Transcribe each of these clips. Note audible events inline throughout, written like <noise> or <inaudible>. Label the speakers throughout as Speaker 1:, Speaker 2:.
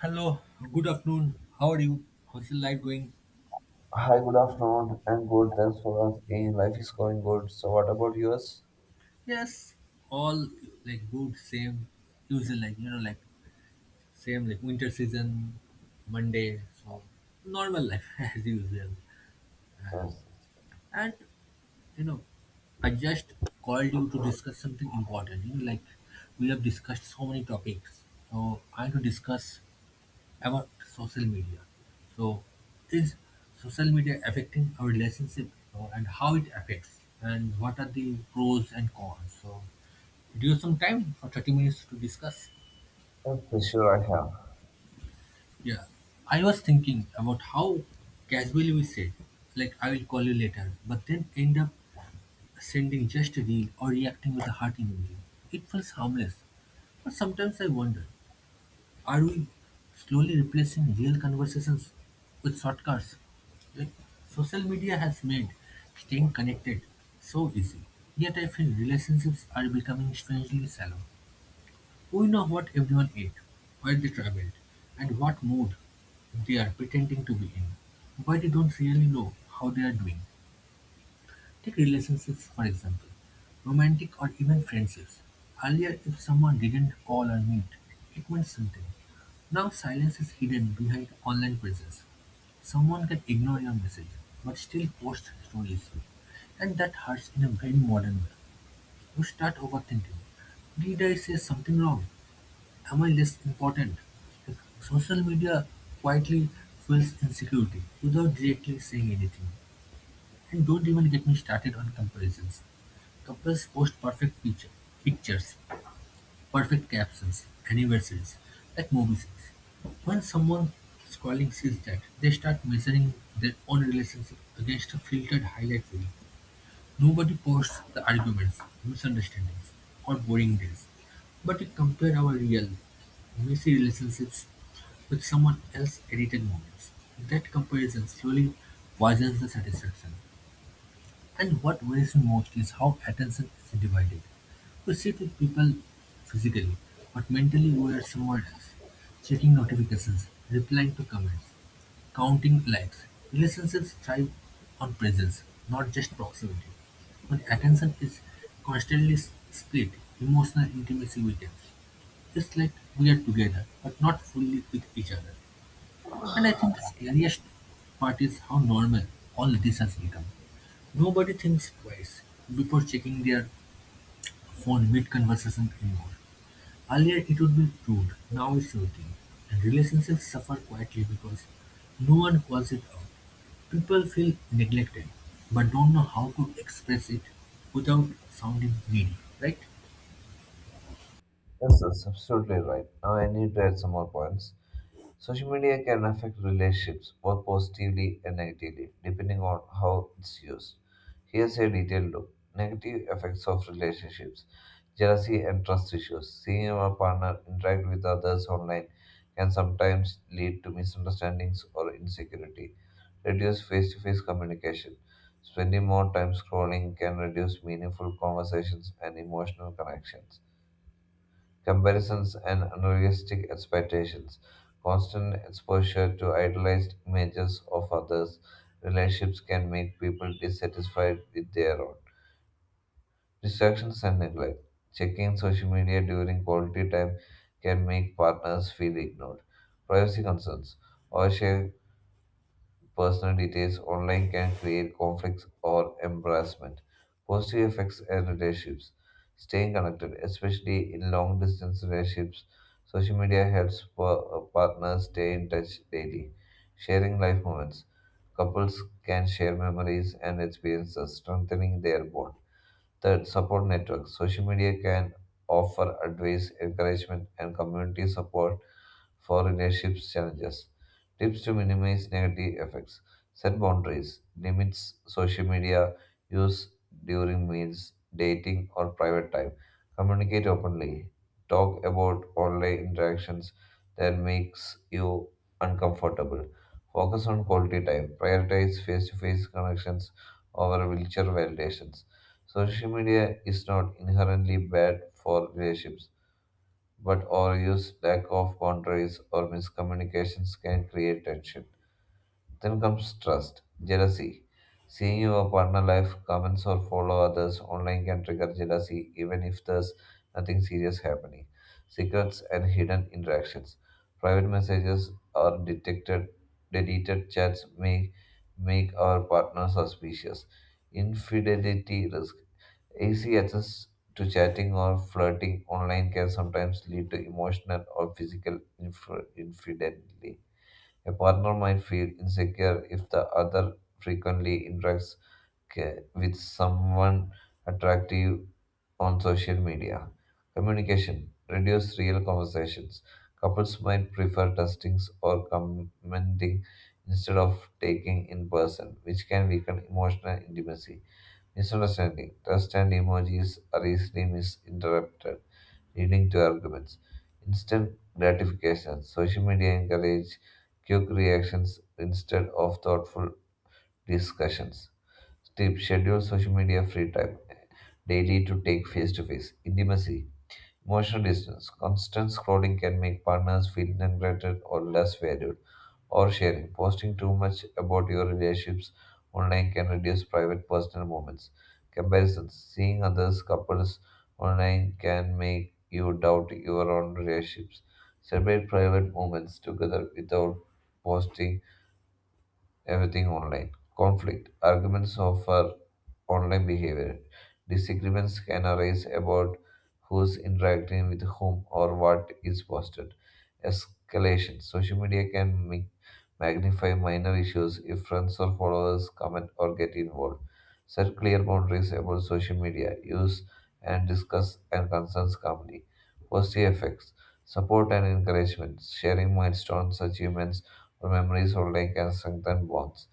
Speaker 1: Hello, good afternoon. How are you? How's your life going?
Speaker 2: Hi, good afternoon. I'm good. Thanks for asking. Life is going good. So, what about yours?
Speaker 1: Yes, all like good, same usual like like same like winter season, Monday, so normal life <laughs> as usual.
Speaker 2: Yes,
Speaker 1: And you know, I just called you to discuss something important. Like we have discussed so many topics, so I want to discuss about social media. So, is social media affecting our relationship and how it affects, and what are the pros and cons? So, do you have some time for 30 minutes to discuss?
Speaker 2: yes. Yes, sure, I have.
Speaker 1: Yeah, I was thinking about how casually we said, like, I will call you later, but then end up sending just a reel or reacting with a heart emoji. It feels harmless, but sometimes I wonder are we slowly replacing real conversations with shortcuts? Like, social media has made staying connected so easy. Yet I feel relationships are becoming strangely shallow. We know what everyone ate, where they traveled, and what mood they are pretending to be in, but we don't really know how they are doing. Take relationships for example, romantic or even friendships. Earlier, if someone didn't call or meet, it meant something. Now, silence is hidden behind online presence. Someone can ignore your message, but still post stories, and that hurts in a very modern way. You start overthinking. Did I say something wrong? Am I less important? Like, social media quietly fuels insecurity without directly saying anything. And don't even get me started on comparisons. Couples post perfect pictures, perfect captions, anniversaries, like movie scenes. When someone scrolling sees that, they start measuring their own relationship against a filtered highlight reel. Nobody posts the arguments, misunderstandings, or boring days, but we compare our real, messy relationships with someone else's edited moments. That comparison slowly poisons the satisfaction. And what worries me most is how attention is divided. We sit with people physically, but mentally we are somewhere else, checking notifications, replying to comments, counting likes. Relationships thrive on presence, not just proximity. When attention is constantly split, emotional intimacy weakens. It's like we are together, but not fully with each other. And I think the scariest part is how normal all this has become. Nobody thinks twice before checking their phone mid-conversation anymore. Earlier it would be rude, now it's routine. And relationships suffer quietly because no one calls it out. People feel neglected, but don't know how to express it without sounding greedy, right?
Speaker 2: Yes, that's absolutely right. Now, I need to add some more points. Social media can affect relationships both positively and negatively, depending on how it's used. Here's a detailed look. Negative effects of relationships jealousy and trust issues. Seeing our partner interact with others online can sometimes lead to misunderstandings or insecurity. Reduce face to face communication. Spending more time scrolling can reduce meaningful conversations and emotional connections comparisons and unrealistic expectations, constant exposure to idealized images of others, relationships can make people dissatisfied with their own. Distractions and neglect. Checking social media during quality time can make partners feel ignored. Privacy concerns. Oversharing personal details online can create conflicts or embarrassment. Positive effects and relationships. Staying connected, especially in long distance relationships, social media helps partners stay in touch daily. Sharing life moments. Couples can share memories and experiences, strengthening their bond. Third, support networks. Social media can offer advice, encouragement, and community support for relationships challenges. Tips to minimize negative effects. Set boundaries. Limits social media use during meals, dating, or private time. Communicate openly. Talk about online interactions that makes you uncomfortable. Focus on quality time. Prioritize face-to-face connections over wheelchair validations. Social media is not inherently bad for relationships, but overuse, lack of boundaries, or miscommunications can create tension. Then comes trust, jealousy. Seeing your partner life, comments, or follow others online can trigger jealousy even if there's nothing serious happening. Secrets and hidden interactions. Private messages or detected, deleted chats may make our partner suspicious. Infidelity risk. Easy access to chatting or flirting online can sometimes lead to emotional or physical infidelity. A partner might feel insecure if the other frequently interacts with someone attractive on social media. Communication reduce real conversations. Couples might prefer textings or commenting instead of taking in person, which can weaken emotional intimacy. Misunderstanding trust and emojis are easily misinterpreted leading to arguments. Instant gratification. Social media encourage quick reactions instead of thoughtful discussions. Tip: schedule social media free time daily to take face to face. Intimacy. Emotional distance. Constant scrolling can make partners feel neglected or less valued or sharing. Posting too much about your relationships online can reduce private personal moments. Comparisons. Seeing others' couples online can make you doubt your own relationships. Celebrate private moments together without posting everything online. Conflict arguments over online behavior. Disagreements can arise about who's interacting with whom or what is posted. Escalation. Social media can magnify minor issues if friends or followers comment or get involved. Set clear boundaries about social media use and discuss and concerns calmly. Positive effects. Support and encouragement. Sharing milestones, achievements, memories online can strengthen bonds,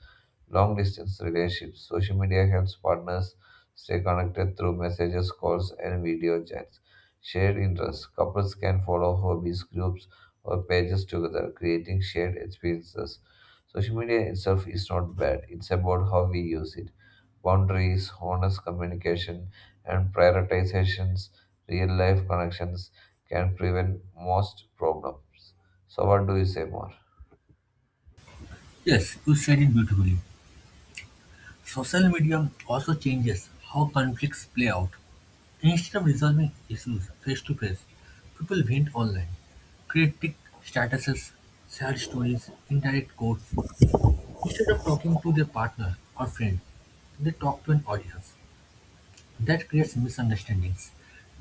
Speaker 2: long distance relationships. Social media helps partners stay connected through messages, calls, and video chats. Shared interests. Couples can follow hobbies, groups, or pages together, creating shared experiences. Social media itself is not bad, it's about how we use it. Boundaries, honest communication, and prioritizations, real life connections can prevent most problems. So, what do you say more?
Speaker 1: Yes, you said it beautifully. Social media also changes how conflicts play out. Instead of resolving issues face to face, people vent online, critique statuses, share stories, indirect quotes. Instead of talking to their partner or friend, they talk to an audience. That creates misunderstandings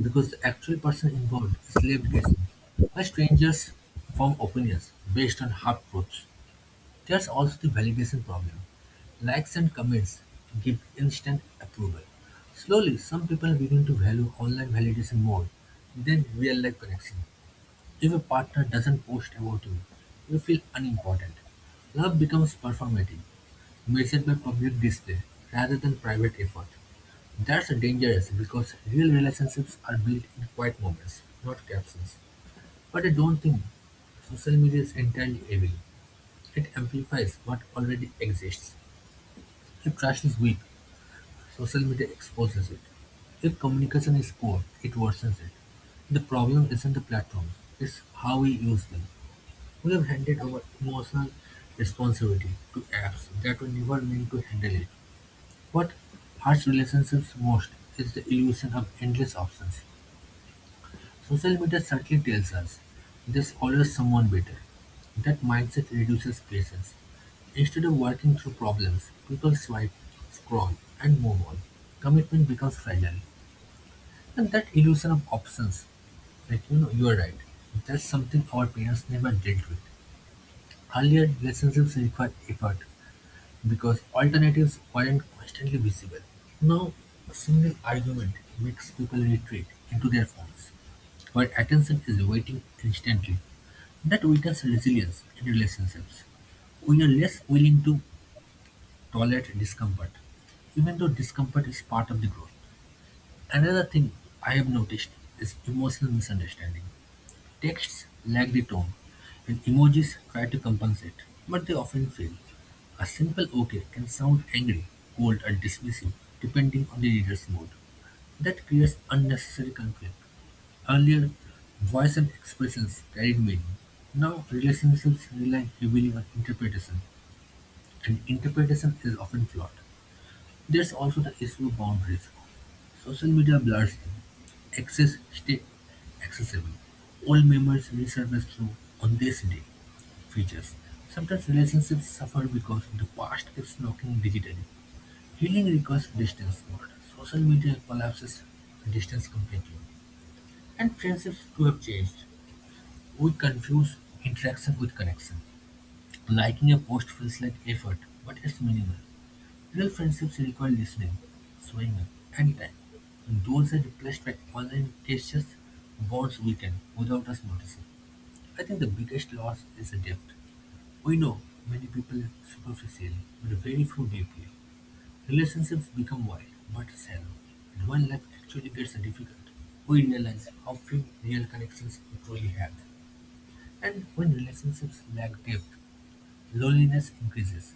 Speaker 1: because the actual person involved is left guessing, while strangers form opinions based on half truths. There's also the validation problem. Likes and comments give instant approval. Slowly, some people begin to value online validation more than real life connection. If a partner doesn't post about you, you feel unimportant. Love becomes performative, measured by public display rather than private effort. That's dangerous because real relationships are built in quiet moments, not captions. But I don't think social media is entirely evil. It amplifies what already exists. If trust is weak, social media exposes it. If communication is poor, it worsens it. The problem isn't the platforms, it's how we use them. We have handed over emotional responsibility to apps that were never meant to handle it. What hurts relationships most is the illusion of endless options. Social media certainly tells us "there's always someone better." That mindset reduces patience. Instead of working through problems, people swipe, scroll, and move on. Commitment becomes fragile. And that illusion of options, like you are right. That's something our parents never dealt with. Earlier, relationships required effort because alternatives weren't constantly visible. Now, a single argument makes people retreat into their phones where attention is waiting instantly. That weakens resilience in relationships. We are less willing to tolerate discomfort, even though discomfort is part of the growth. Another thing I have noticed is emotional misunderstanding. Texts lack the tone, and emojis try to compensate, but they often fail. A simple okay can sound angry, cold, or dismissive, depending on the reader's mood. That creates unnecessary conflict. Earlier, voice and expressions carried meaning. Now, relationships rely heavily on interpretation, and interpretation is often flawed. There's also the issue of boundaries. Social media blurs them. Access stay accessible. Old memories resurface through on this day features. Sometimes relationships suffer because the past keeps knocking digitally. Healing requires distance, but social media collapses distance completely. And friendships too have changed. We confuse interaction with connection. Liking a post feels like effort, but it's minimal. Real friendships require listening, showing up, and time. And those are replaced by online gestures, bonds weaken without us noticing. I think the biggest loss is the depth. We know many people superficially, but very few deeply. Relationships become wild, but shallow. And when life actually gets difficult, we realize how few real connections we truly have. And when relationships lack depth, loneliness increases,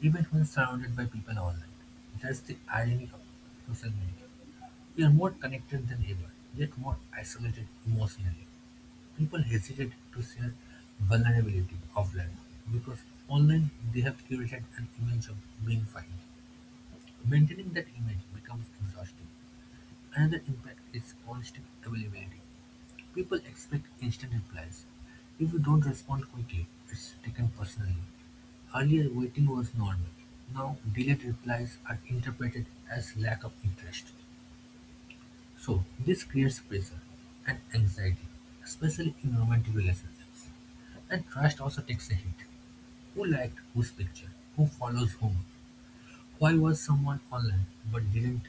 Speaker 1: even when surrounded by people online. That's the irony of social media. We are more connected than ever, yet more isolated emotionally. People hesitate to share vulnerability offline because online they have curated an image of being fine. Maintaining that image becomes exhausting. Another impact is constant availability. People expect instant replies. If you don't respond quickly, it's taken personally. Earlier, waiting was normal. Now, delayed replies are interpreted as lack of interest. So, this creates pressure and anxiety, especially in romantic relationships. And trust also takes a hit. Who liked whose picture? Who follows whom? Why was someone online but didn't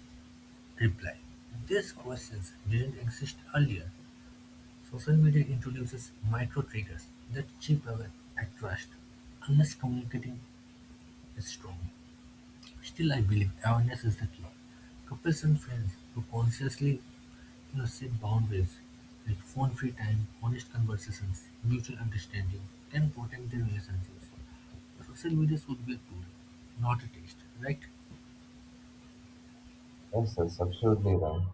Speaker 1: reply? These questions didn't exist earlier. Social media introduces micro-triggers that chip away at trust, unless communicating is strong. Still, I believe awareness is the key. Couples and friends who consciously set boundaries, like phone-free time, honest conversations, mutual understanding, can protect their relationships. Social media should be a tool, not a test, right?
Speaker 2: Yes, that's absolutely right.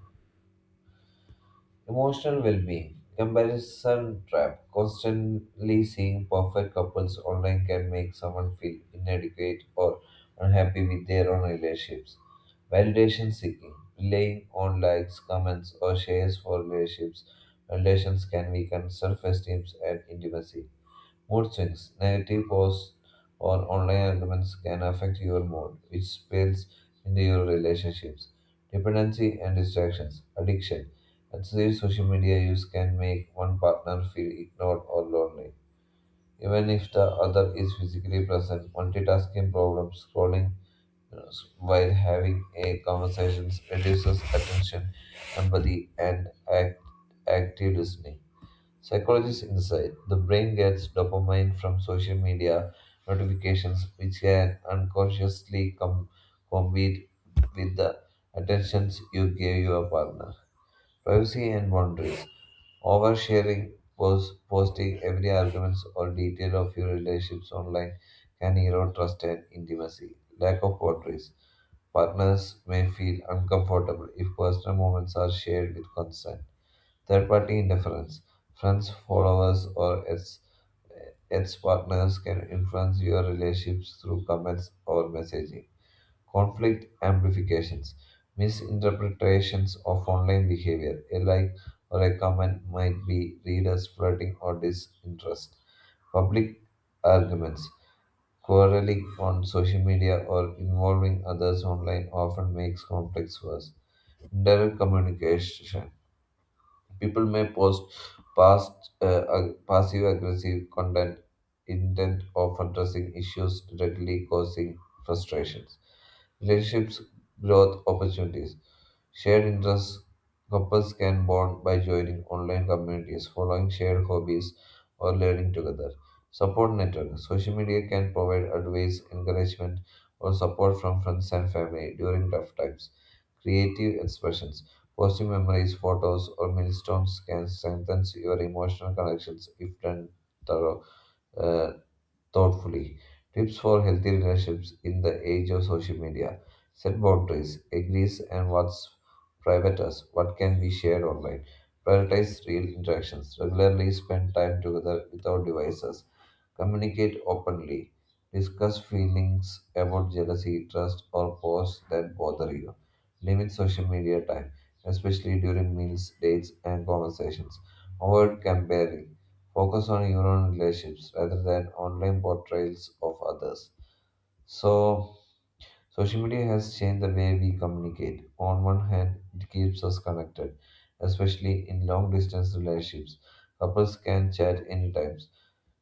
Speaker 2: Emotional well-being, comparison trap. Constantly seeing perfect couples online can make someone feel inadequate or unhappy with their own relationships. Validation seeking, relying on likes, comments, or shares for relationships. Validations can weaken self-esteem and intimacy. Mood swings, negative posts or online arguments can affect your mood, which spills into your relationships. Dependency and distractions, addiction. Excessive social media use can make one partner feel ignored or lonely. Even if the other is physically present, multitasking problems, scrolling uh, while having a conversation reduces attention, empathy, and active listening. Psychologists insight the brain gets dopamine from social media notifications, which can unconsciously compete with the attentions you give your partner. Privacy and boundaries. Oversharing, posting every argument or detail of your relationships online can erode trust and intimacy. Lack of boundaries. Partners may feel uncomfortable if personal moments are shared with consent. Third party interference. Friends, followers, or its partners can influence your relationships through comments or messaging conflict amplifications, misinterpretations of online behavior. A like or a comment might be read as flirting or disinterest. Public arguments, quarreling on social media or involving others online often makes conflicts worse. Direct communication. People may post past passive aggressive content intent of addressing issues directly causing frustrations. Relationships, growth opportunities. Shared interests. Couples can bond by joining online communities, following shared hobbies, or learning together. Support network. Social media can provide advice, encouragement, or support from friends and family during tough times. Creative expressions. Positive memories, photos, or milestones can strengthen your emotional connections if done thorough, uh, thoughtfully. Tips for healthy relationships in the age of social media. Set boundaries, agrees and what's private us, what can be shared online. Prioritize real interactions. Regularly spend time together without devices. Communicate openly. Discuss feelings about jealousy, trust, or posts that bother you. Limit social media time, especially during meals, dates, and conversations. Avoid comparing focus on your own relationships rather than online portrayals of others. So, social media has changed the way we communicate. On one hand, it keeps us connected, especially in long distance relationships. Couples can chat anytime,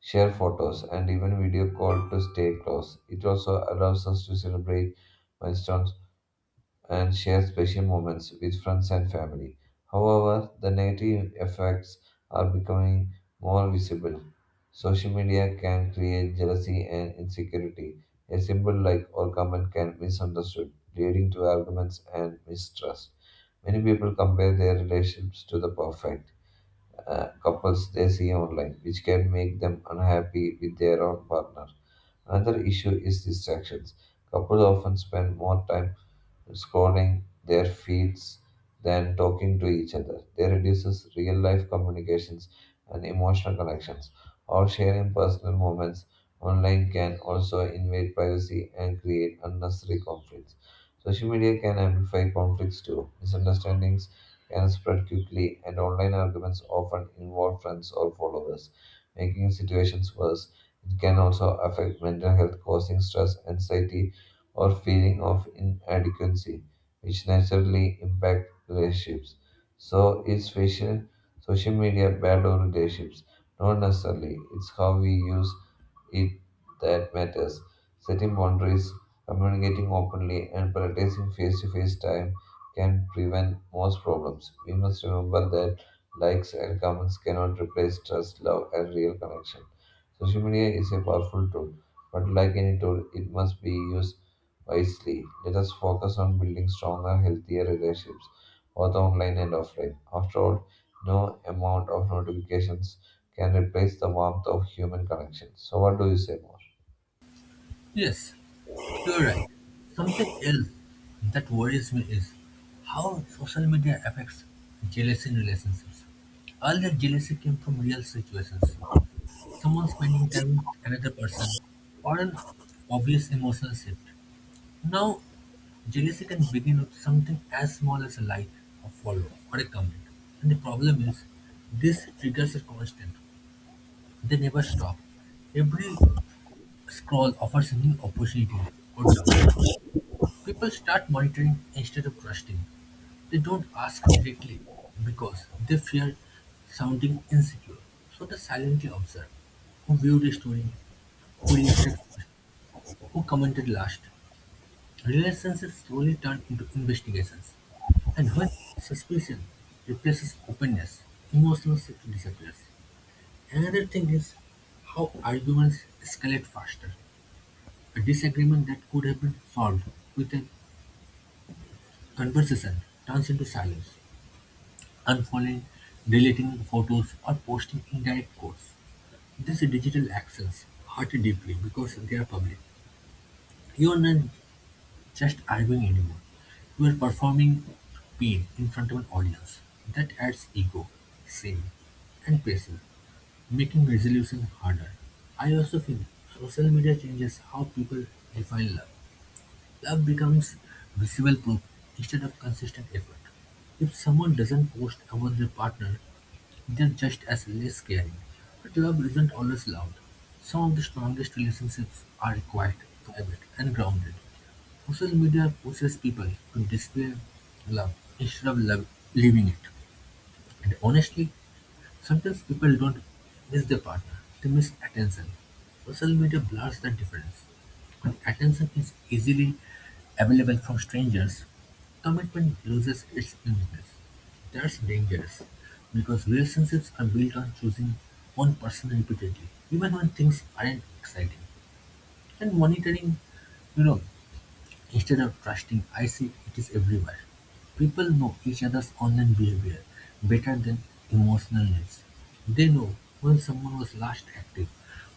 Speaker 2: share photos, and even video call to stay close. It also allows us to celebrate milestones and share special moments with friends and family. However, the negative effects are becoming more visible. Social media can create jealousy and insecurity. A simple like or comment can be misunderstood, leading to arguments and mistrust. Many people compare their relationships to the perfect couples they see online, which can make them unhappy with their own partner. Another issue is distractions. Couples often spend more time scrolling their feeds than talking to each other. They reduces real life communications and emotional connections. Or sharing personal moments online can also invade privacy and create unnecessary conflicts. Social media can amplify conflicts too. Misunderstandings can spread quickly, and online arguments often involve friends or followers, making situations worse. It can also affect mental health, causing stress, anxiety, or feeling of inadequacy, which naturally impact relationships. So, is facial social media bad or relationships? Not necessarily. It's how we use it that matters. Setting boundaries, communicating openly, and practicing face to face time can prevent most problems. We must remember that likes and comments cannot replace trust, love, and real connection. Social media is a powerful tool, but like any tool, it must be used wisely. Let us focus on building stronger, healthier relationships, both online and offline. After all, no amount of notifications can replace the warmth of human connection. So, what do you say more?
Speaker 1: Yes, you're right. Something else that worries me is how social media affects jealousy in relationships. All Earlier, jealousy came from real situations, someone spending time with another person, or an obvious emotional shift. Now, jealousy can begin with something as small as a like, a follow, or a comment. And the problem is, these triggers are constant, they never stop. Every scroll offers a new opportunity or doubt. People start monitoring instead of trusting. They don't ask directly because they fear sounding insecure. So they silently observe who viewed a story, who reacted first, who commented last. Relationships slowly turn into investigations. And when suspicion replaces openness, emotional safety disappears. Another thing is how arguments escalate faster. A disagreement that could have been solved with a conversation turns into silence. Unfollowing, deleting photos or posting indirect quotes. These digital actions hurt deeply because they are public. You are not just arguing anymore. You are performing pain in front of an audience. That adds ego, shame, and pressure, making resolution harder. I also feel social media changes how people define love. Love becomes visible proof instead of consistent effort. If someone doesn't post about their partner they're just as less scary, but love isn't always loud. Some of the strongest relationships are quiet, private, and grounded. Social media pushes people to display love instead of love, living it. And honestly, sometimes people don't miss their partner, they miss attention. Social media blurs that difference. When attention is easily available from strangers, commitment loses its uniqueness. That's dangerous because relationships are built on choosing one person repeatedly, even when things aren't exciting. And monitoring, you know, instead of trusting I see it is everywhere. People know each other's online behavior better than emotional needs. They know when someone was last active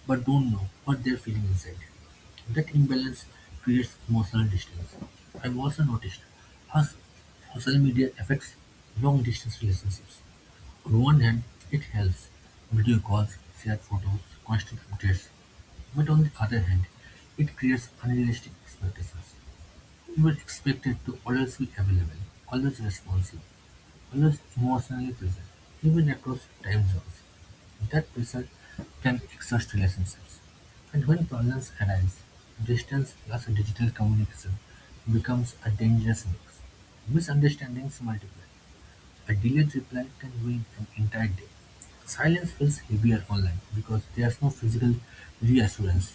Speaker 1: but don't know what they're feeling inside. That imbalance creates emotional distance. I've also noticed how social media affects long distance relationships. On one hand, it helps video calls, shared photos, constant updates. But on the other hand, it creates unrealistic expectations. You were expected to always be available, always responsive, always emotionally present, even across time zones. That pressure can exhaust relationships. And when problems arise, distance plus digital communication becomes a dangerous mix. Misunderstandings multiply. A delayed reply can ruin an entire day. Silence feels heavier online because there's no physical reassurance.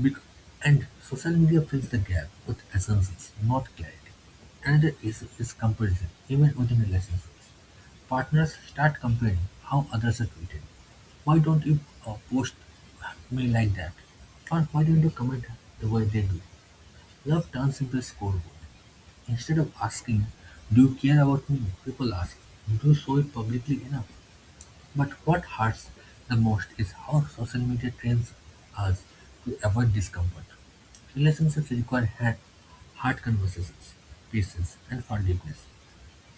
Speaker 1: Bec- And social media fills the gap with assumptions, not clarity. Another issue is comparison, even within relationships. Partners start comparing how others are treated. Why don't you post me like that? Or why don't you comment the way they do? Love turns into a scoreboard. Instead of asking, do you care about me? People ask, do you show it publicly enough? But what hurts the most is how social media trains us to avoid discomfort. Relationships require hard conversations, patience, and forgiveness.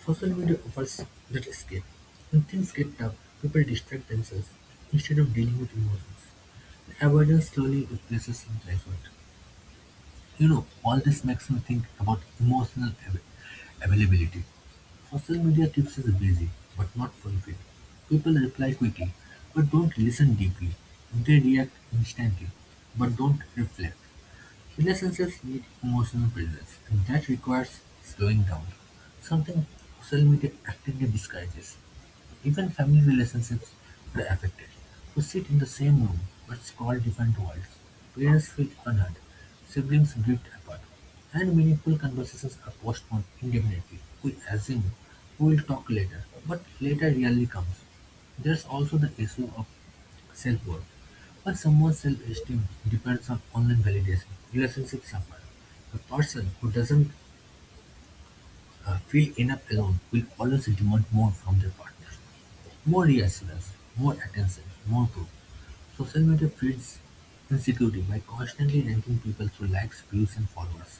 Speaker 1: Social media offers that escape. When things get tough, people distract themselves instead of dealing with emotions. The avoidance slowly replaces self effort. All this makes me think about emotional availability. Social media keeps us busy, but not fulfilled. People reply quickly, but don't listen deeply. They react instantly, but don't reflect. Relationships need emotional presence, and that requires slowing down, something social media actively disguises. Even family relationships were affected: we sit in the same room, but scroll different worlds, parents feel unheard, siblings drift apart, and meaningful conversations are postponed indefinitely. We assume we will talk later, but later rarely comes. There's also the issue of self-worth. When someone's self-esteem depends on online validation, relationships suffer. A person who doesn't feel enough alone will always demand more from their partner. More reassurance, more attention, more proof social media feeds insecurity by constantly ranking people through likes, views and followers.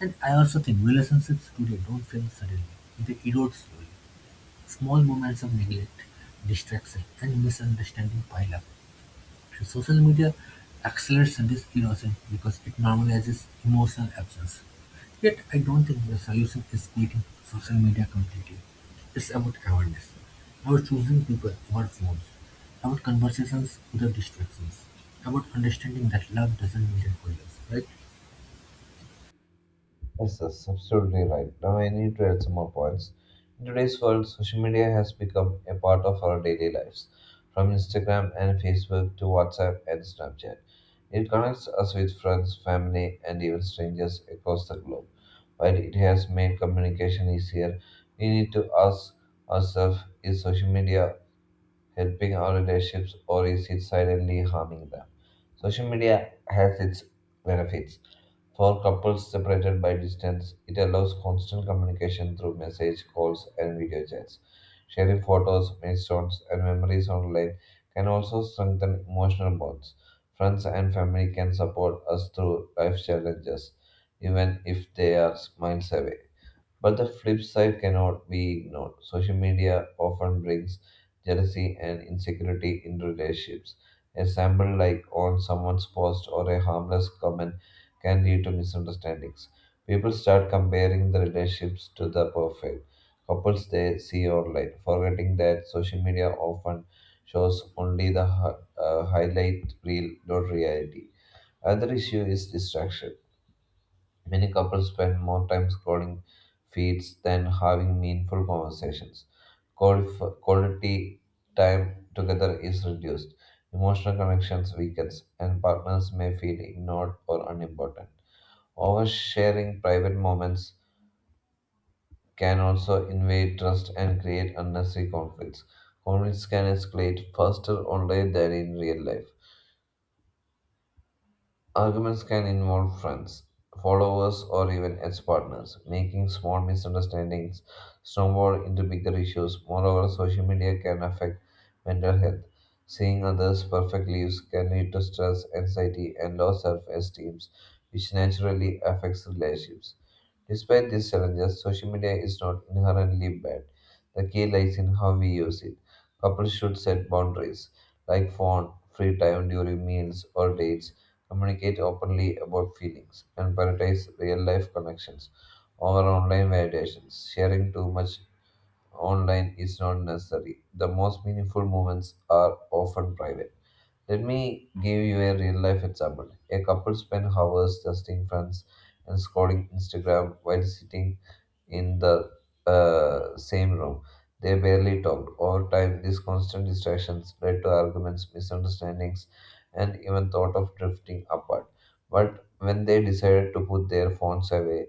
Speaker 1: And I also think relationships today don't fail suddenly. They erode slowly. Small moments of neglect, distraction and misunderstanding pile up. Social media accelerates this erosion because it normalizes emotional absence. Yet, I don't think the solution is quitting social media completely. It's about awareness, about choosing people over phones, about conversations without distractions, about understanding that love doesn't mean it for us, right?
Speaker 2: Yes, that's absolutely right. Now, I need to add some more points. In today's world, social media has become a part of our daily lives, from Instagram and Facebook to WhatsApp and Snapchat. It connects us with friends, family, and even strangers across the globe. While it has made communication easier, we need to ask ourselves, is social media helping our relationships or is it silently harming them? Social media has its benefits. For couples separated by distance, it allows constant communication through message, calls, and video chats. Sharing photos, milestones, and memories online can also strengthen emotional bonds. Friends and family can support us through life challenges, even if they are miles away. But the flip side cannot be ignored. Social media often brings jealousy and insecurity in relationships. A sample like on someone's post or a harmless comment can lead to misunderstandings. People start comparing the relationships to the perfect couples they see online, forgetting that social media often shows only the highlight reel, not reality. Other issue is distraction. Many couples spend more time scrolling feeds than having meaningful conversations. Quality time together is reduced, emotional connections weakens, and partners may feel ignored or unimportant. Oversharing private moments can also invade trust and create unnecessary conflicts. Conflicts can escalate faster online than in real life. Arguments can involve friends, followers, or even ex partners, making small misunderstandings snowball into bigger issues. Moreover, social media can affect mental health. Seeing others' perfect lives can lead to stress, anxiety, and low self esteem, which naturally affects relationships. Despite these challenges, social media is not inherently bad. The key lies in how we use it. Couples should set boundaries, like phone, free time during meals or dates communicate openly about feelings, and prioritize real life connections over online validations. Sharing too much online is not necessary. The most meaningful moments are often private. Let me give you a real life example. A couple spent hours testing friends and scrolling Instagram while sitting in the same room. They barely talked. Over time, these constant distractions led to arguments, misunderstandings, and even thought of drifting apart. But when they decided to put their phones away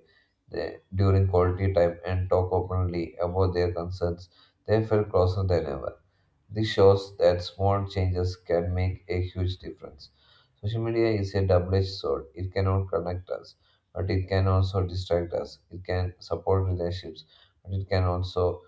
Speaker 2: they, during quality time and talk openly about their concerns, they felt closer than ever. This shows that small changes can make a huge difference. Social media is a double edged sword. It cannot connect us, but it can also distract us. It can support relationships, but it can also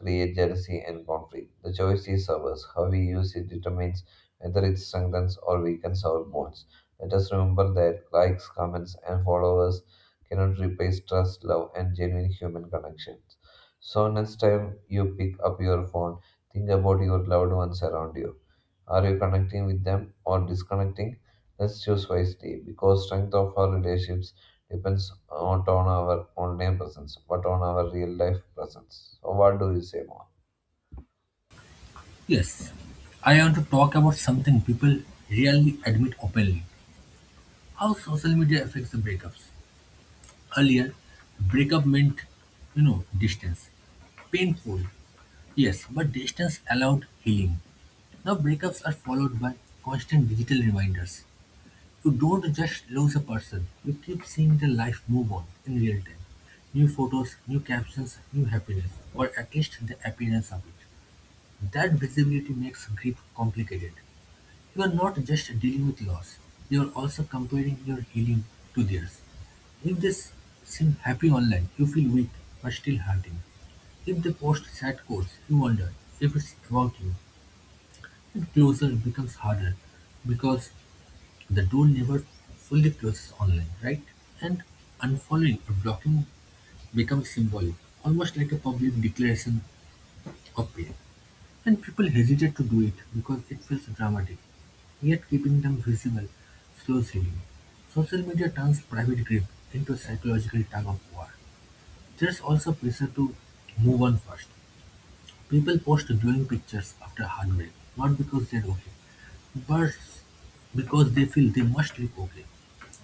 Speaker 2: create jealousy and conflict. The choice is ours. How we use it determines whether it strengthens or weakens our bonds. Let us remember that likes, comments, and followers cannot replace trust, love, and genuine human connections. So, next time you pick up your phone, think about your loved ones around you. Are you connecting with them or disconnecting? Let's choose wisely because strength of our relationships depends not on our online presence but on our real life presence. So what do you say more?
Speaker 1: Yes, I want to talk about something people rarely admit openly how social media affects the breakups. Earlier, breakup meant, distance, painful, yes, but distance allowed healing. Now breakups are followed by constant digital reminders. You don't just lose a person, you keep seeing their life move on in real time. New photos, new captions, new happiness, or at least the appearance of it. That visibility makes grief complicated. You are not just dealing with loss, you are also comparing your healing to theirs. If they seem happy online, you feel weak but still hurting. If they post sad quotes, you wonder if it's about you. Closure becomes harder because the door never fully closes online, right? And unfollowing or blocking becomes symbolic, almost like a public declaration of pain. And people hesitate to do it because it feels dramatic, yet keeping them visible slows healing. Social media turns private grief into a psychological tug of war. There's also pressure to move on first. People post glowing pictures after heartbreak, not because they're okay, births because they feel they must look okay,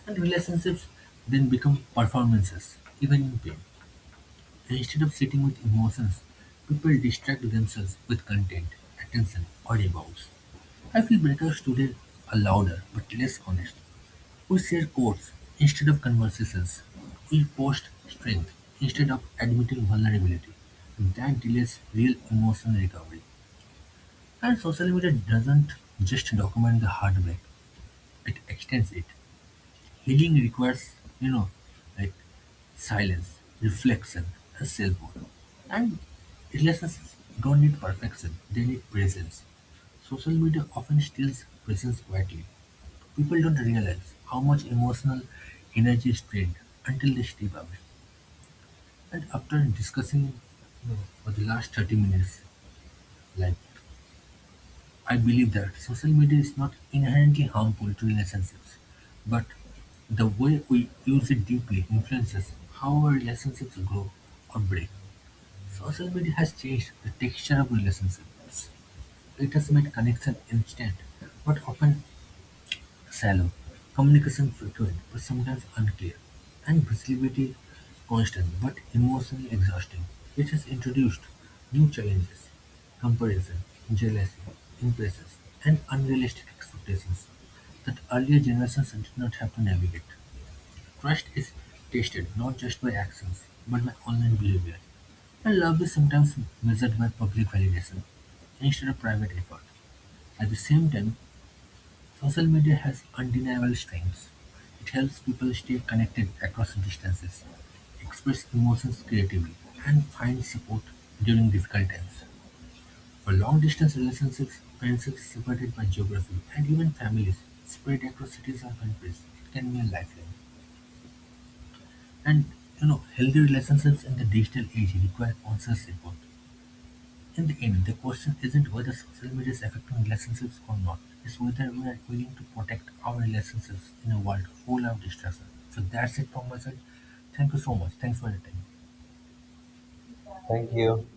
Speaker 1: and relationships then become performances, even in pain. Instead of sitting with emotions, people distract themselves with content, attention, or rewards. I feel breakups today are louder but less honest. We share quotes instead of conversations. We post strength instead of admitting vulnerability. That delays real emotional recovery. And social media doesn't just document the heartbreak, it extends it. Healing requires, like silence, reflection, and self-worth. And relationships don't need perfection, they need presence. Social media often steals presence quietly. People don't realize how much emotional energy is drained until they step away. And after discussing you know, for the last 30 minutes, like I believe that social media is not inherently harmful to relationships, but the way we use it deeply influences how our relationships grow or break. Social media has changed the texture of relationships. It has made connection instant, but often shallow, communication frequent but sometimes unclear, and visibility constant but emotionally exhausting. It has introduced new challenges, comparison, jealousy, impatience, and unrealistic expectations that earlier generations did not have to navigate. Trust is tested not just by actions but by online behavior, and love is sometimes measured by public validation instead of private effort. At the same time, social media has undeniable strengths: it helps people stay connected across distances, express emotions creatively, and find support during difficult times. For long-distance relationships, friendships separated by geography, and even families spread across cities or countries, it can be a lifeline. And you know, healthy relationships in the digital age require conscious effort. In the end, the question isn't whether social media is affecting relationships or not, it's whether we are willing to protect our relationships in a world full of distraction. So that's it from my side. Thank you so much. Thanks for your time.
Speaker 2: Thank you.